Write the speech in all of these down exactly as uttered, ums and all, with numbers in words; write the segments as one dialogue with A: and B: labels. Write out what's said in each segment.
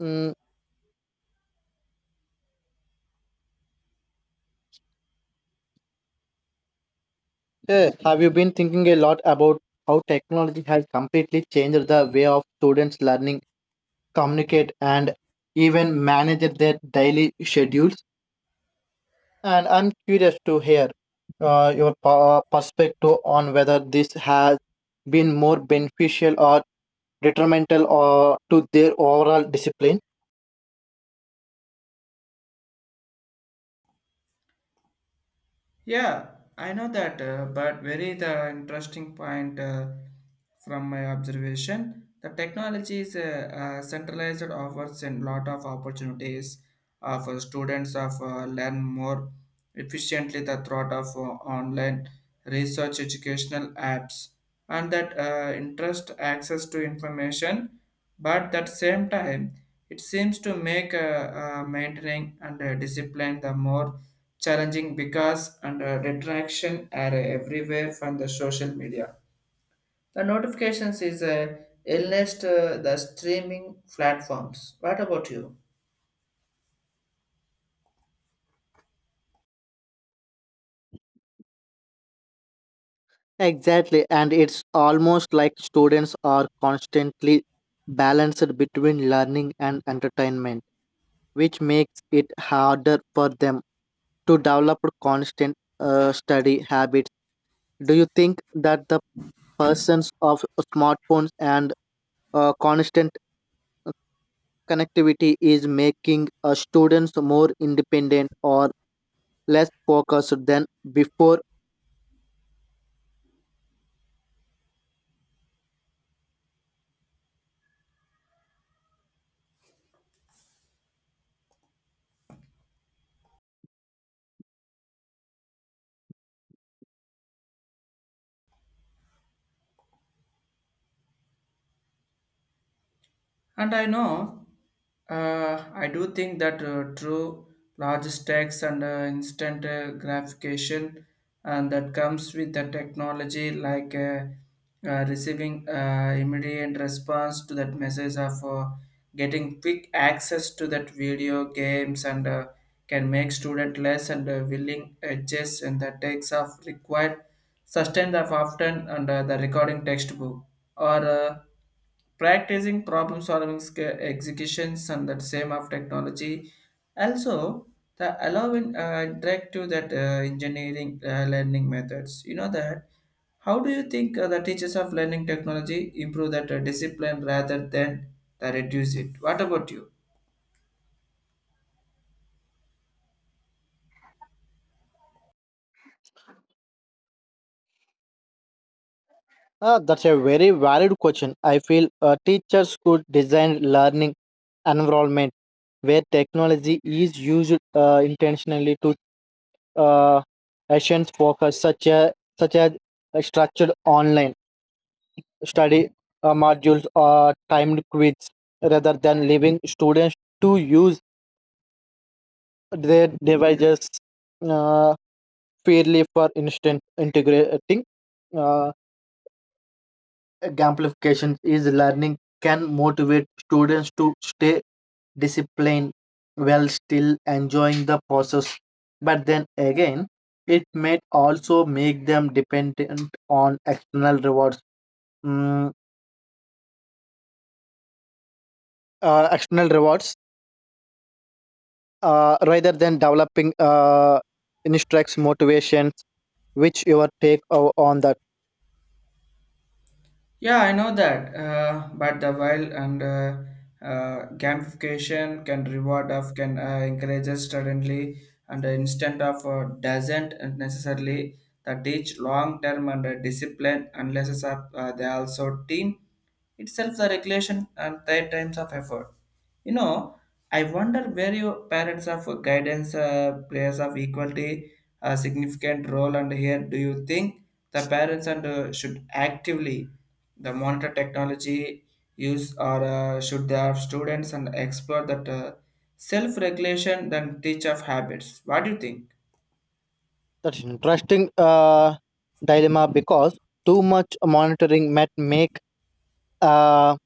A: Mm, yeah. Have you been thinking a lot about how technology has completely changed the way of students learning, communicate, and even manage their daily schedules? And I'm curious to hear uh, your pa- perspective on whether this has been more beneficial or detrimental or to their overall discipline.
B: Yeah, I know that, uh, but very the interesting point uh, from my observation. The technology is uh, uh, centralized offers a lot of opportunities uh, for students of uh, learn more efficiently the throughout of uh, online research educational apps and that uh, interest access to information. But at the same time, it seems to make uh, uh, maintaining and uh, discipline the more challenging because and uh, detraction are everywhere from the social media. The notifications is a illness to the streaming platforms. What about you?
A: Exactly, and it's almost like students are constantly balanced between learning and entertainment which makes it harder for them to develop constant uh, study habits. Do you think that the persons of smartphones and uh, constant connectivity is making uh, students more independent or less focused than before?
B: And I know, uh, I do think that uh, true logistics and uh, instant uh, gratification and that comes with the technology like uh, uh, receiving uh, immediate response to that message of uh, getting quick access to that video games and uh, can make student less and uh, willing adjust and the takes of required sustain of often under the recording textbook or uh, practicing problem solving sk- executions and that same of technology also the allowing uh, interactive that uh, engineering uh, learning methods you know that how do you think uh, the teachers of learning technology improve that uh, discipline rather than uh, reduce it. What about you?
A: Ah, that's a very valid question. I feel uh, teachers could design learning environment where technology is used uh, intentionally to uh, Asian focus, such as such as uh, structured online study uh, modules or timed quiz, rather than leaving students to use their devices uh, fairly for instance integrating. Uh, Gamification is learning can motivate students to stay disciplined while still enjoying the process. But then again, it may also make them dependent on external rewards, mm, uh, external rewards, uh, rather than developing uh, instructs motivations. Which your take o- on that?
B: Yeah, I know that, uh, but the wild and uh, uh, gamification can reward of can uh, encourage us suddenly and uh, instant of uh, doesn't necessarily that teach long term and uh, discipline unless it's up, uh, they also team itself the regulation and third times of effort. You know, I wonder where your parents of guidance uh, players of equality a significant role. And here do you think the parents and uh, should actively the monitor technology use, or uh, should they have students and explore that uh, self-regulation than teach of habits? What do you think?
A: That's interesting uh, dilemma because too much monitoring might make uh,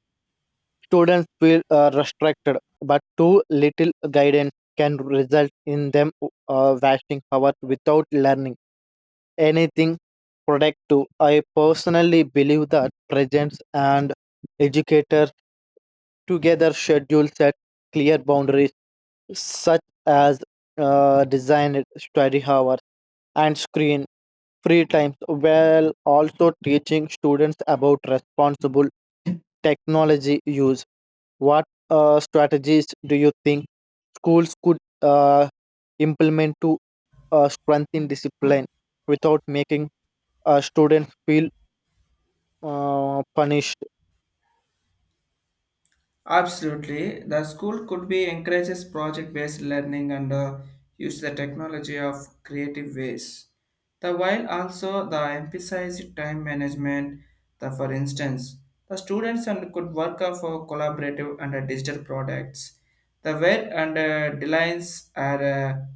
A: students feel uh, restricted, but too little guidance can result in them uh, wasting hours without learning anything productive. I personally believe that parents and educators together schedule set clear boundaries, such as uh, designed study hours and screen free times while also teaching students about responsible technology use. What uh, strategies do you think schools could uh, implement to uh, strengthen discipline without making uh, students feel uh, punished?
B: Absolutely. The school could be encourages project-based learning and uh, use the technology of creative ways. The while also the emphasize time management. The for instance, the students and could work uh, for collaborative and uh, digital products. The weight and uh, deadlines are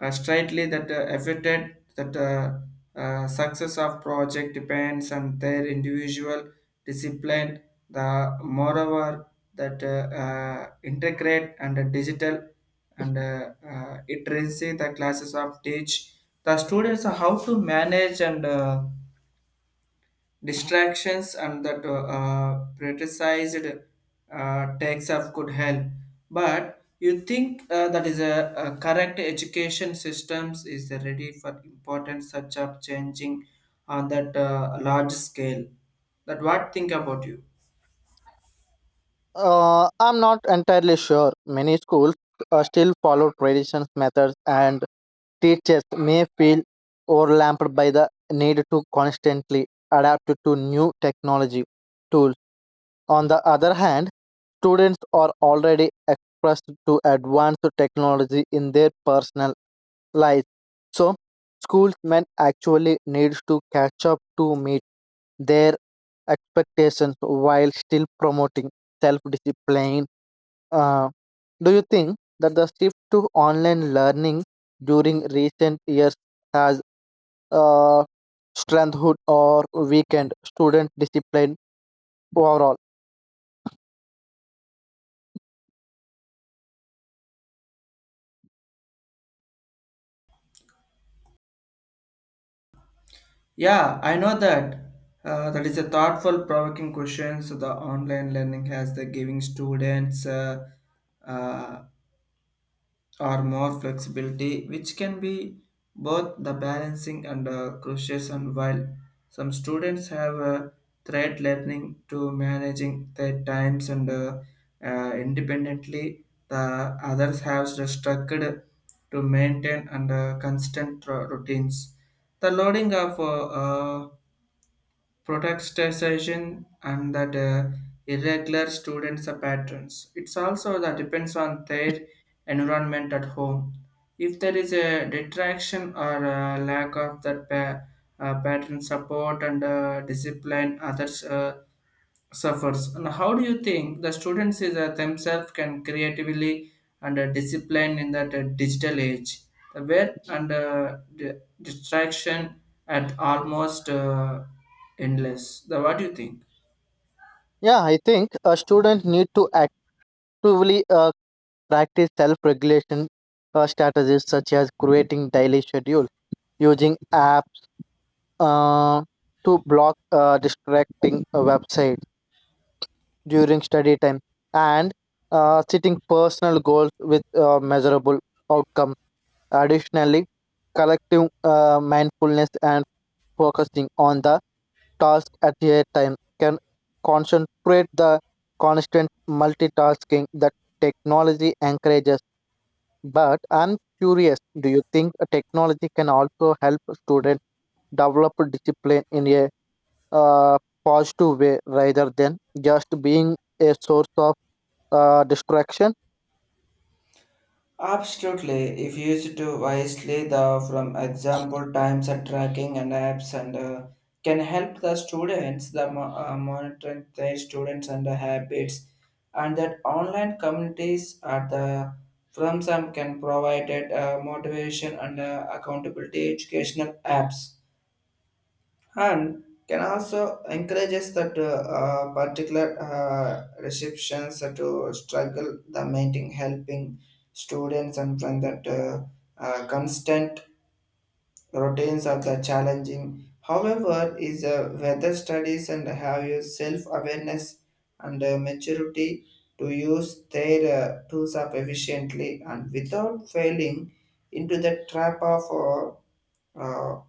B: uh, uh, straightly that uh, affected that uh, uh, success of project depends on their individual discipline. The moreover that uh, uh, integrate and uh, digital and uh, uh, literacy the classes of teach the students how to manage and uh, distractions and that uh, uh, prioritized uh, takes of could help. But you think uh, that is a, a correct education systems is ready for important such of changing on that uh, large scale. That what think about you?
A: Uh, I'm not entirely sure. Many schools uh, still follow traditional methods, and teachers may feel overwhelmed by the need to constantly adapt to new technology tools. On the other hand, students are already exposed to advanced technology in their personal lives, so schools may actually need to catch up to meet their expectations while still promoting self-discipline. Uh, do you think that the shift to online learning during recent years has uh, strengthened or weakened student discipline overall?
B: Yeah, I know that. Uh, that is a thoughtful, provoking question. So the online learning has the giving students uh, uh, or more flexibility, which can be both the balancing and uh, crucial. And while some students have a thread learning to managing their times and uh, uh, independently, the others have the structured to maintain and uh, constant ro- routines. The loading of uh, uh, protestation and that uh, irregular students are patterns. It's also that depends on their environment at home. If there is a detraction or a lack of that pa- uh, pattern support and uh, discipline, others uh, suffers. And how do you think the students is uh, themselves can creatively and uh, discipline in that uh, digital age, the where and uh, di- distraction at almost uh, endless? The what do you think?
A: Yeah, I think a student need to actively uh, practice self-regulation uh, strategies such as creating daily schedule, using apps uh, to block uh, distracting uh, websites during study time and uh, setting personal goals with uh, measurable outcome. Additionally, collective uh, mindfulness and focusing on the task at a time can concentrate the constant multitasking that technology encourages. But I'm curious, do you think a technology can also help students develop discipline in a uh, positive way rather than just being a source of uh, distraction.
B: Absolutely. If used to wisely, the from example times and tracking and apps and uh, can help the students the mo- uh, monitoring their students and the habits, and that online communities are the from some can provide it, uh, motivation and uh, accountability educational apps and can also encourages us that uh, uh, particular uh, receptions to struggle the meeting helping students and from that uh, uh, constant routines of the challenging. However is uh, whether studies and have your self-awareness and uh, maturity to use their uh, tools up efficiently and without failing into the trap of uh, uh,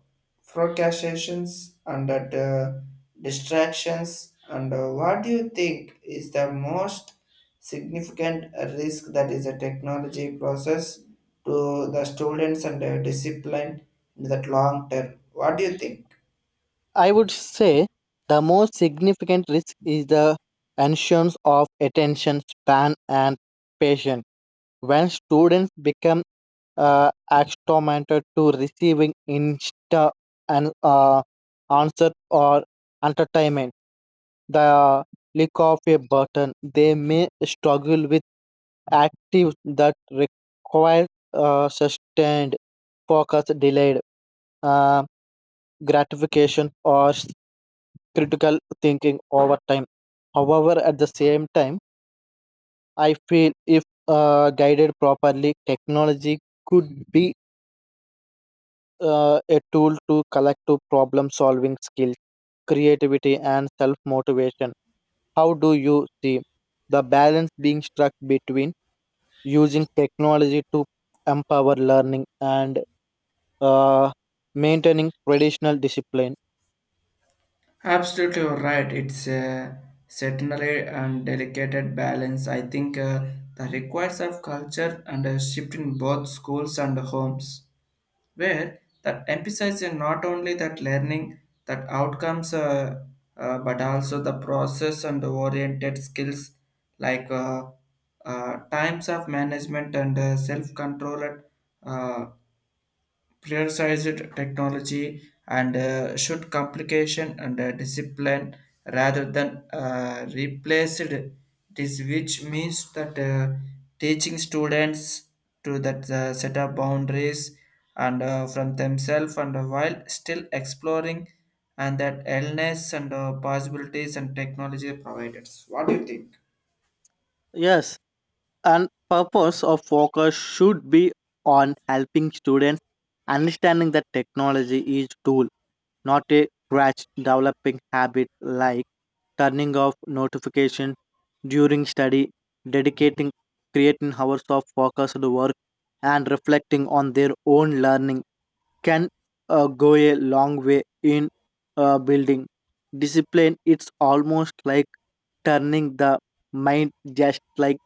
B: procrastinations and that, uh, distractions and uh, what do you think is the most significant risk that is a technology process to the students and uh, discipline in that long term? What do you think?
A: I would say the most significant risk is the absence of attention span and patience. When students become uh, acclimated to receiving insta and uh, answer or entertainment. The click of a button, they may struggle with actives that require uh, sustained focus, delayed uh, gratification, or s- critical thinking over time. However, at the same time, I feel if uh, guided properly, technology could be uh, a tool to collective problem solving skills, creativity, and self motivation. How do you see the balance being struck between using technology to empower learning and uh, maintaining traditional discipline?
B: Absolutely, you're right. It's a certainly and delicate balance. I think uh, that requires of culture and a shift in both schools and homes, where that emphasizes not only that learning that outcomes uh, uh, but also the process and oriented skills like uh, uh, times of management and uh, self-control, uh, prioritized technology and uh, should complication and uh, discipline rather than uh, replaced this, which means that uh, teaching students to that uh, set up boundaries and uh, from themselves and uh, while still exploring and that illness and uh, possibilities and technology providers. What do you think?
A: Yes, and purpose of focus should be on helping students understanding that technology is tool not a crutch developing habit like turning off notifications during study dedicating creating hours of focused work and reflecting on their own learning can uh, go a long way in uh, building discipline. It's almost like turning the mind just like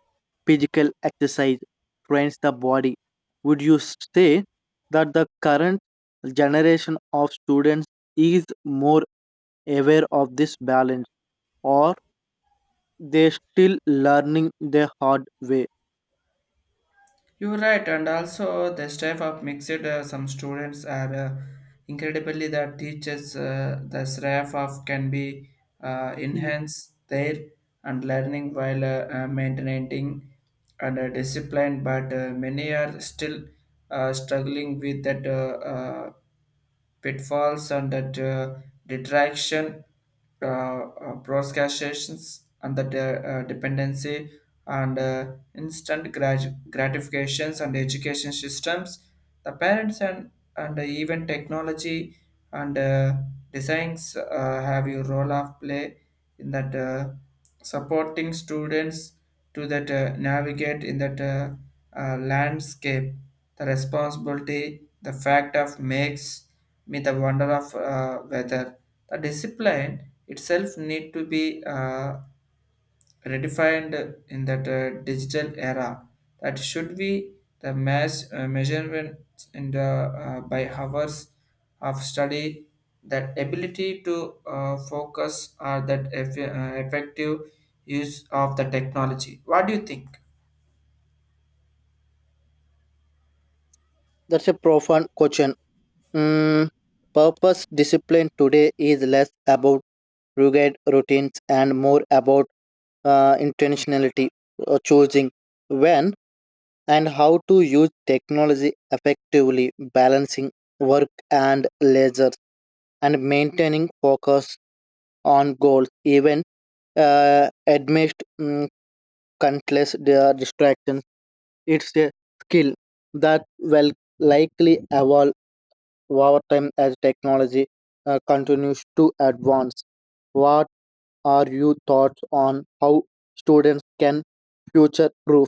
A: physical exercise trains the body. Would you say that the current generation of students is more aware of this balance or they still learning the hard way?
B: You're right, and also the staff of mixed uh, some students are uh, incredibly that teachers uh, the staff of can be uh, enhance their and learning while uh, uh, maintaining and uh, discipline, but uh, many are still uh, struggling with that. Uh, uh, pitfalls and that uh, detraction, uh, uh, procrastinations, and that uh, uh, dependency and uh, instant grat- gratifications and education systems, the parents and and even technology and uh, designs uh, have a role of play in that. Uh, supporting students to that uh, navigate in that uh, uh, landscape the responsibility the fact of makes me the wonder of uh, whether the discipline itself need to be uh, redefined in that uh, digital era that should be the mass uh, measurements in the uh, by hours of study that ability to uh, focus are that eff- uh, effective use of the technology. What do you think?
A: That's a profound question. Mm, Purpose discipline today is less about rugged routines, and more about uh, intentionality, uh, choosing when and how to use technology effectively, balancing work and leisure, and maintaining focus on goals, even uh, amidst mm, countless di- distractions. It's a skill that will likely evolve over time as technology uh, continues to advance. What are your thoughts on how students can future proof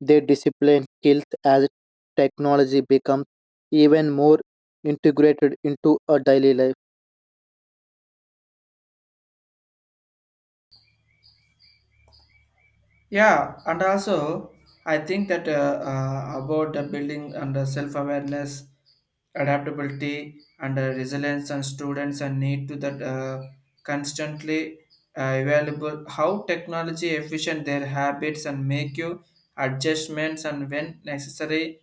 A: their discipline skills as technology becomes even more integrated into a daily life?
B: Yeah, and also I think that uh, uh, about the building and the self-awareness, adaptability, and uh, resilience, and students and need to that uh, constantly uh, available how technology efficient their habits and make you adjustments and when necessary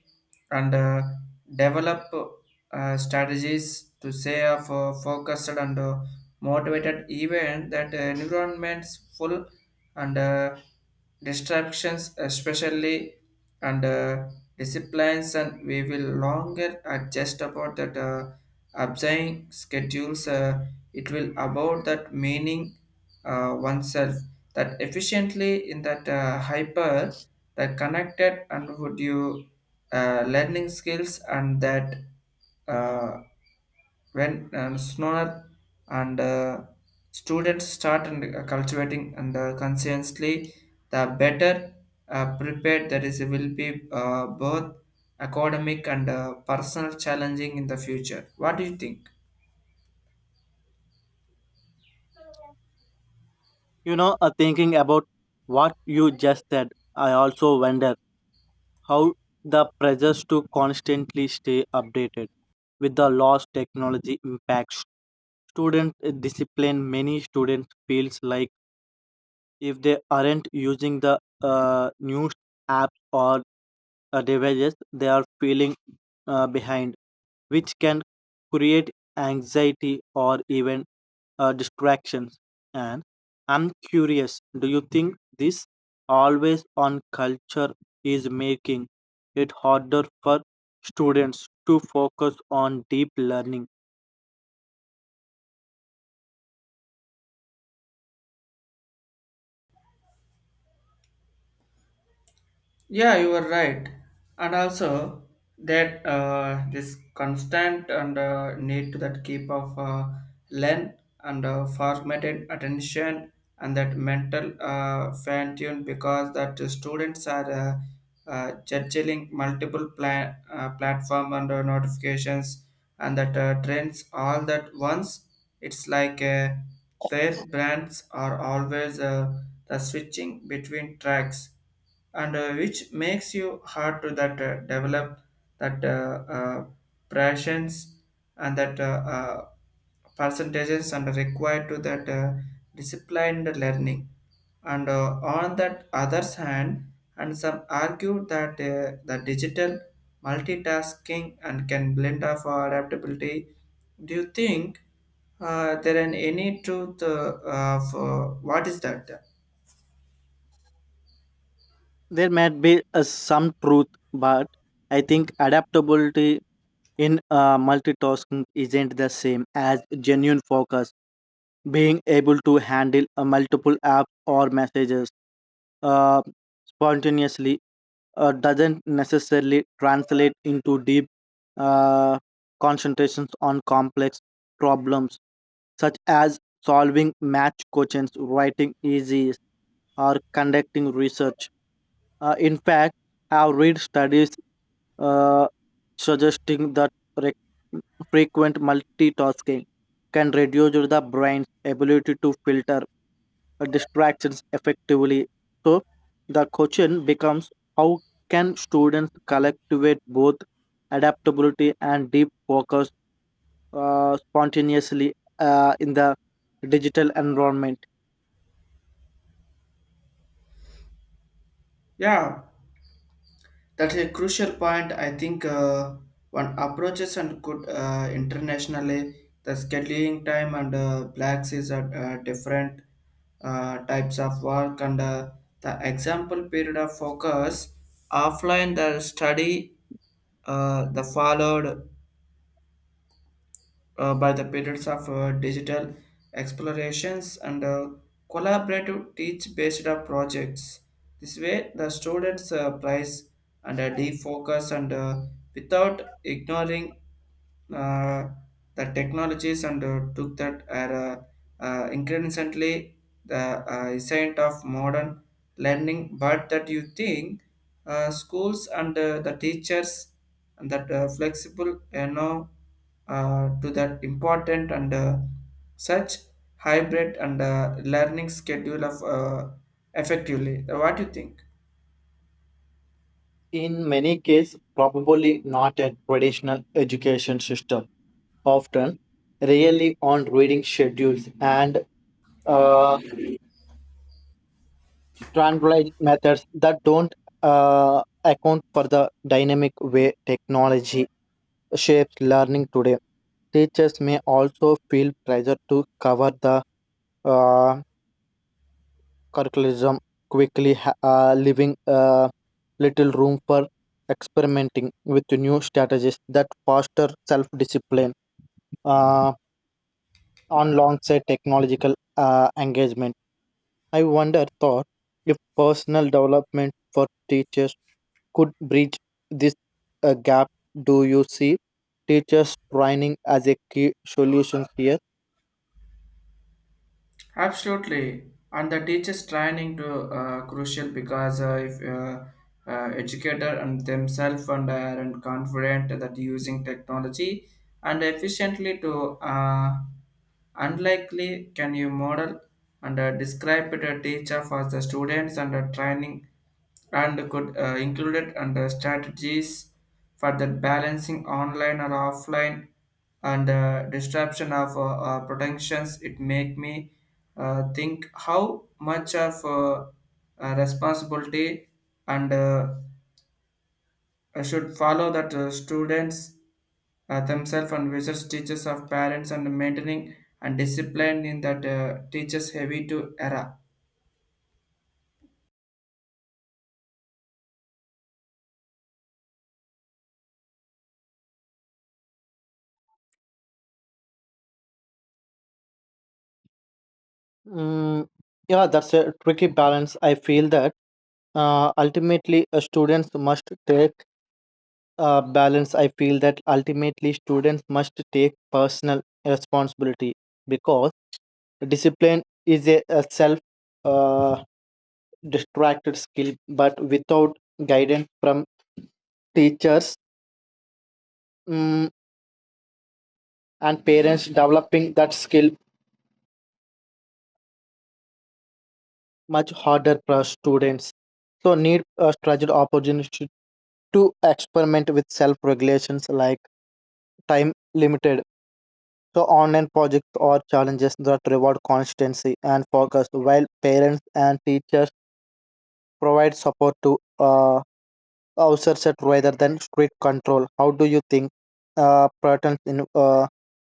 B: and uh, develop uh, strategies to stay uh, fo- focused and uh, motivated even that environments full and uh, distractions, especially and uh, disciplines, and we will longer adjust about that uh, observing schedules, uh, it will about that meaning uh, oneself that efficiently in that uh, hyper that connected. And would you uh, learning skills and that uh, when uh, snower and uh, students start and uh, cultivating and uh, consciously, the better uh, prepared that is will be uh, both academic and uh, personal challenging in the future. What do you think?
A: You know, uh, thinking about what you just said, I also wonder how the pressures to constantly stay updated with the lost technology impacts student discipline. Many students feels like if they aren't using the uh, news apps or uh, devices, they are feeling uh, behind, which can create anxiety or even uh, distractions. And I'm curious, do you think this always on culture is making it harder for students to focus on deep learning?
B: Yeah, you are right. And also that uh, this constant and uh, need to that keep of uh, learn and uh, formatted attention and that mental uh, fine tune because that the students are uh, uh, juggling multiple pla- uh, platform and uh, notifications and that uh, trends all that once. It's like uh, their brands are always uh, the switching between tracks and uh, which makes you hard to that uh, develop that uh, uh, passions and that uh, uh, percentages and required to that uh, disciplined learning and uh, on that other's hand, and some argue that uh, the digital multitasking and can blend of adaptability. Do you think uh, there are any truth uh, of uh, what is that?
A: There might be uh, some truth, but I think adaptability in uh, multitasking isn't the same as genuine focus. Being able to handle uh, multiple apps or messages uh, spontaneously uh, doesn't necessarily translate into deep uh, concentrations on complex problems such as solving match questions, writing essays, or conducting research. Uh, in fact, I've read studies uh, suggesting that re- frequent multitasking can reduce the brain's ability to filter distractions effectively. So, the question becomes how can students cultivate both adaptability and deep focus uh, spontaneously uh, in the digital environment?
B: Yeah. That's a crucial point. I think uh, one approaches and could uh, internationally the scheduling time and uh, blacks is at uh, different uh, types of work and uh, the example period of focus offline the study, uh, the followed uh, by the periods of uh, digital explorations and uh, collaborative teach based on projects. This way, the students uh, prize and uh, defocus and uh, without ignoring uh, the technologies and uh, took that are uh, uh, increasingly the uh, essence of modern learning. But that you think uh, schools and uh, the teachers and that uh, flexible, you know, uh, to that important and uh, such hybrid and uh, learning schedule of uh, effectively? What do you think?
A: In many cases, probably not a traditional education system, often really on reading schedules and uh, standardized methods that don't uh, account for the dynamic way technology shapes learning today. Teachers may also feel pressure to cover the uh, curriculum quickly ha- uh, leaving uh, little room for experimenting with new strategies that foster self-discipline uh, on alongside technological uh, engagement. I wonder, thought, if personal development for teachers could bridge this uh, gap. Do you see teachers training as a key solution here?
B: Absolutely, and the teachers training to uh, crucial because uh, if uh, uh, educator and themselves and are and confident that using technology and efficiently to uh, unlikely can you model and uh, describe it a teacher for the students. And the training and could uh, include it under strategies for the balancing online or offline and uh, disruption of uh, uh, protections. It make me uh, think how much of uh, uh, responsibility and uh, I should follow that uh, students uh, themselves and visits teachers of parents and maintaining and discipline in that uh, teachers heavy to era.
A: Mm, yeah, that's a tricky balance. I feel that uh, ultimately uh, students must take uh, balance. I feel that ultimately students must take personal responsibility because discipline is a, a self uh, distracted skill, but without guidance from teachers mm and parents, developing that skill much harder for students. So need a structured opportunity to experiment with self-regulations like time limited. So online projects or challenges that reward constancy and focus while parents and teachers provide support to uh, outsource it rather than strict control. How do you think uh, patterns in uh,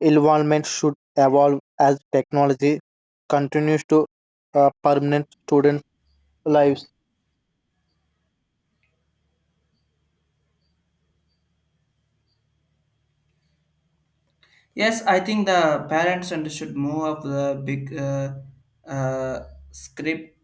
A: involvement should evolve as technology continues to uh, permanent student lives?
B: Yes, I think the parents and should move up the big uh, uh, script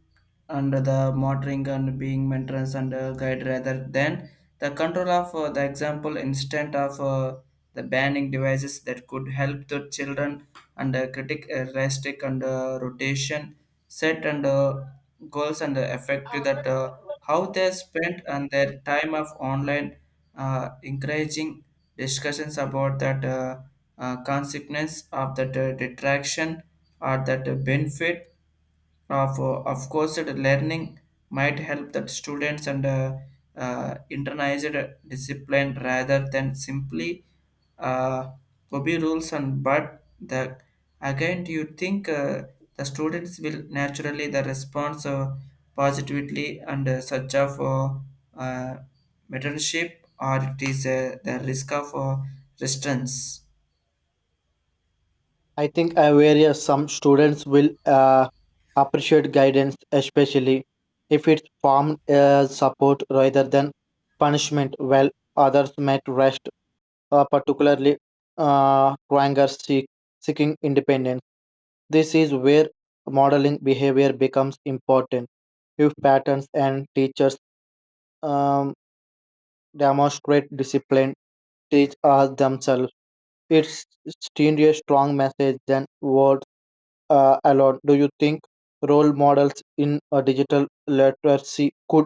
B: under the monitoring and being mentors and uh, guide rather than the control of uh, the example instead of uh, the banning devices that could help the children and uh, critic uh, restrict and uh, rotation set and uh, goals and uh, effective that uh, how they spent and their time of online, uh, encouraging discussions about that. Uh, uh, consequence of that uh, detraction or that uh, benefit of uh, of course that learning might help that students and uh, uh, internalized discipline rather than simply uh, obey rules. And but the again, do you think uh, the students will naturally the response uh, positively and uh, such of uh, uh, mentorship, or it is uh, the risk of uh, restraints?
A: I think uh, where uh, some students will uh, appreciate guidance, especially if it's formed as support rather than punishment, while others might rest, uh, particularly uh, twangers seek, seeking independence. This is where modeling behavior becomes important. If patterns and teachers um, demonstrate discipline, teach us themselves, it's still a strong message than word uh, alone, do you think role models in uh, digital literacy could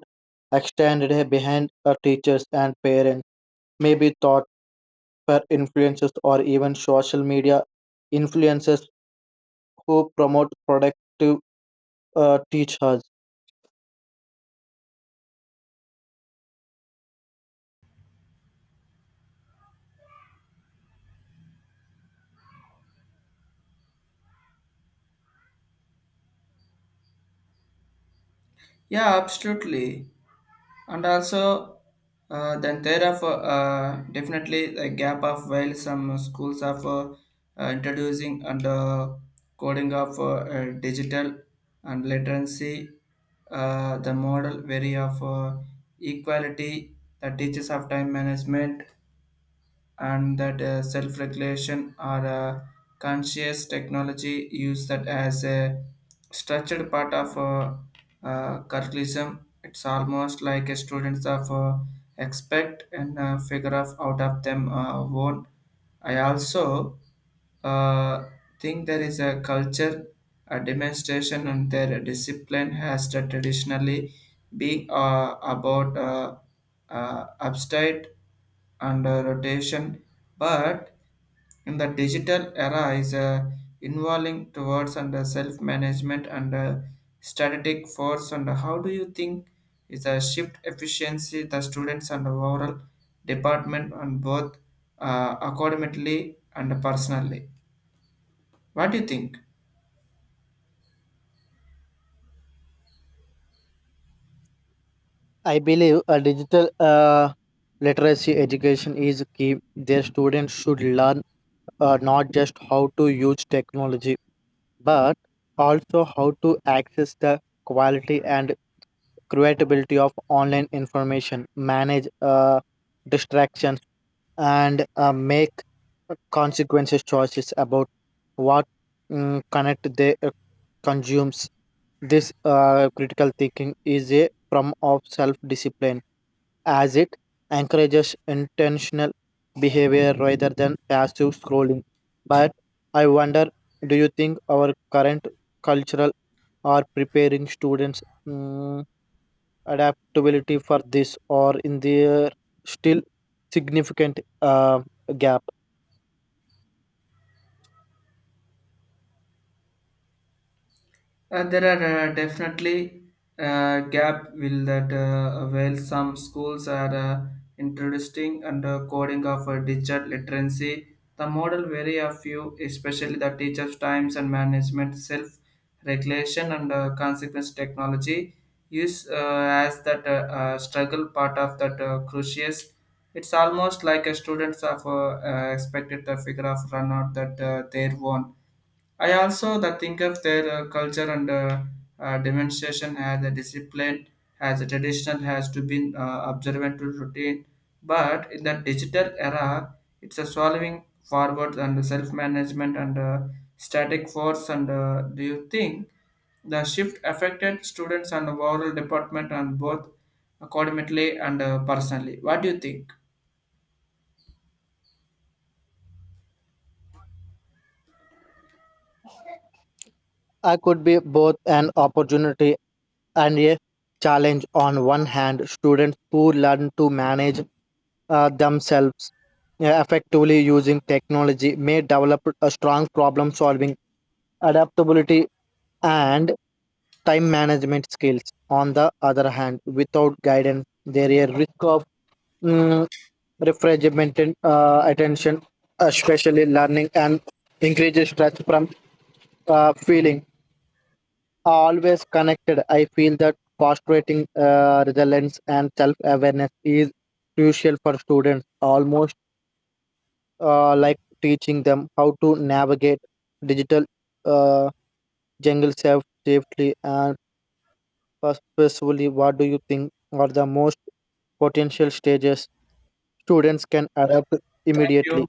A: extend it behind uh, teachers and parents? Maybe thought per influencers or even social media influencers who promote productive uh, teachers.
B: Yeah, absolutely. And also, uh, then there are uh, definitely a gap of while some schools are for uh, introducing and uh, coding of uh, uh, digital and literacy, uh, the model vary of uh, equality, the teachers of time management, and that uh, self-regulation or uh, conscious technology use that as a structured part of uh, uh, curriculum. It's almost like a students of uh, expect and uh, figure of out of them uh, own. I also uh, think there is a culture, a demonstration, and their discipline has to traditionally been uh, about uh, uh, upstate and uh, rotation, but in the digital era is uh, involving towards and uh, self-management and uh, strategic force. And how do you think is a shift efficiency the students and overall department on both uh, academically and personally? What do you think?
A: I believe a digital uh, literacy education is key. Their students should learn uh, not just how to use technology, but also how to access the quality and creatability of online information, manage uh, distractions, and uh, make consequences choices about what mm, connect they uh, consumes. This uh, critical thinking is a form of self discipline as it encourages intentional behavior rather than passive scrolling. But I wonder, do you think our current cultural are preparing students? mm, Adaptability for this or in there still significant uh, gap?
B: Uh, there are uh, definitely uh, gap will that uh, while some schools are uh, introducing and uh, coding of uh, digital literacy, the model vary a few, especially the teachers' times and management, self-regulation and uh, consequence technology use uh, as that uh, uh, struggle part of that uh, crucius. It's almost like a students of uh, uh, expected to figure out run out that uh, their own. I also the think of their uh, culture and uh, uh, demonstration as a discipline, as a traditional has to be uh, observant to routine. But in the digital era, it's a solving forward and self-management and uh, static force. And uh, do you think the shift affected students and overall department and both accordingly and uh, personally? What do you think?
A: I could be both an opportunity and a challenge on one hand students who learn to manage uh, themselves uh, effectively using technology may develop a strong problem solving adaptability and time management skills on the other hand without guidance there is a risk of mm, refrigerated uh, attention, uh, especially learning, and increases stress from uh, feeling always connected. I feel that fostering uh, resilience and self awareness is crucial for students, almost uh, like teaching them how to navigate digital uh, jungle safe- safely and purposefully. What do you think are the most potential stages students can adapt
B: Thank
A: immediately?
B: you.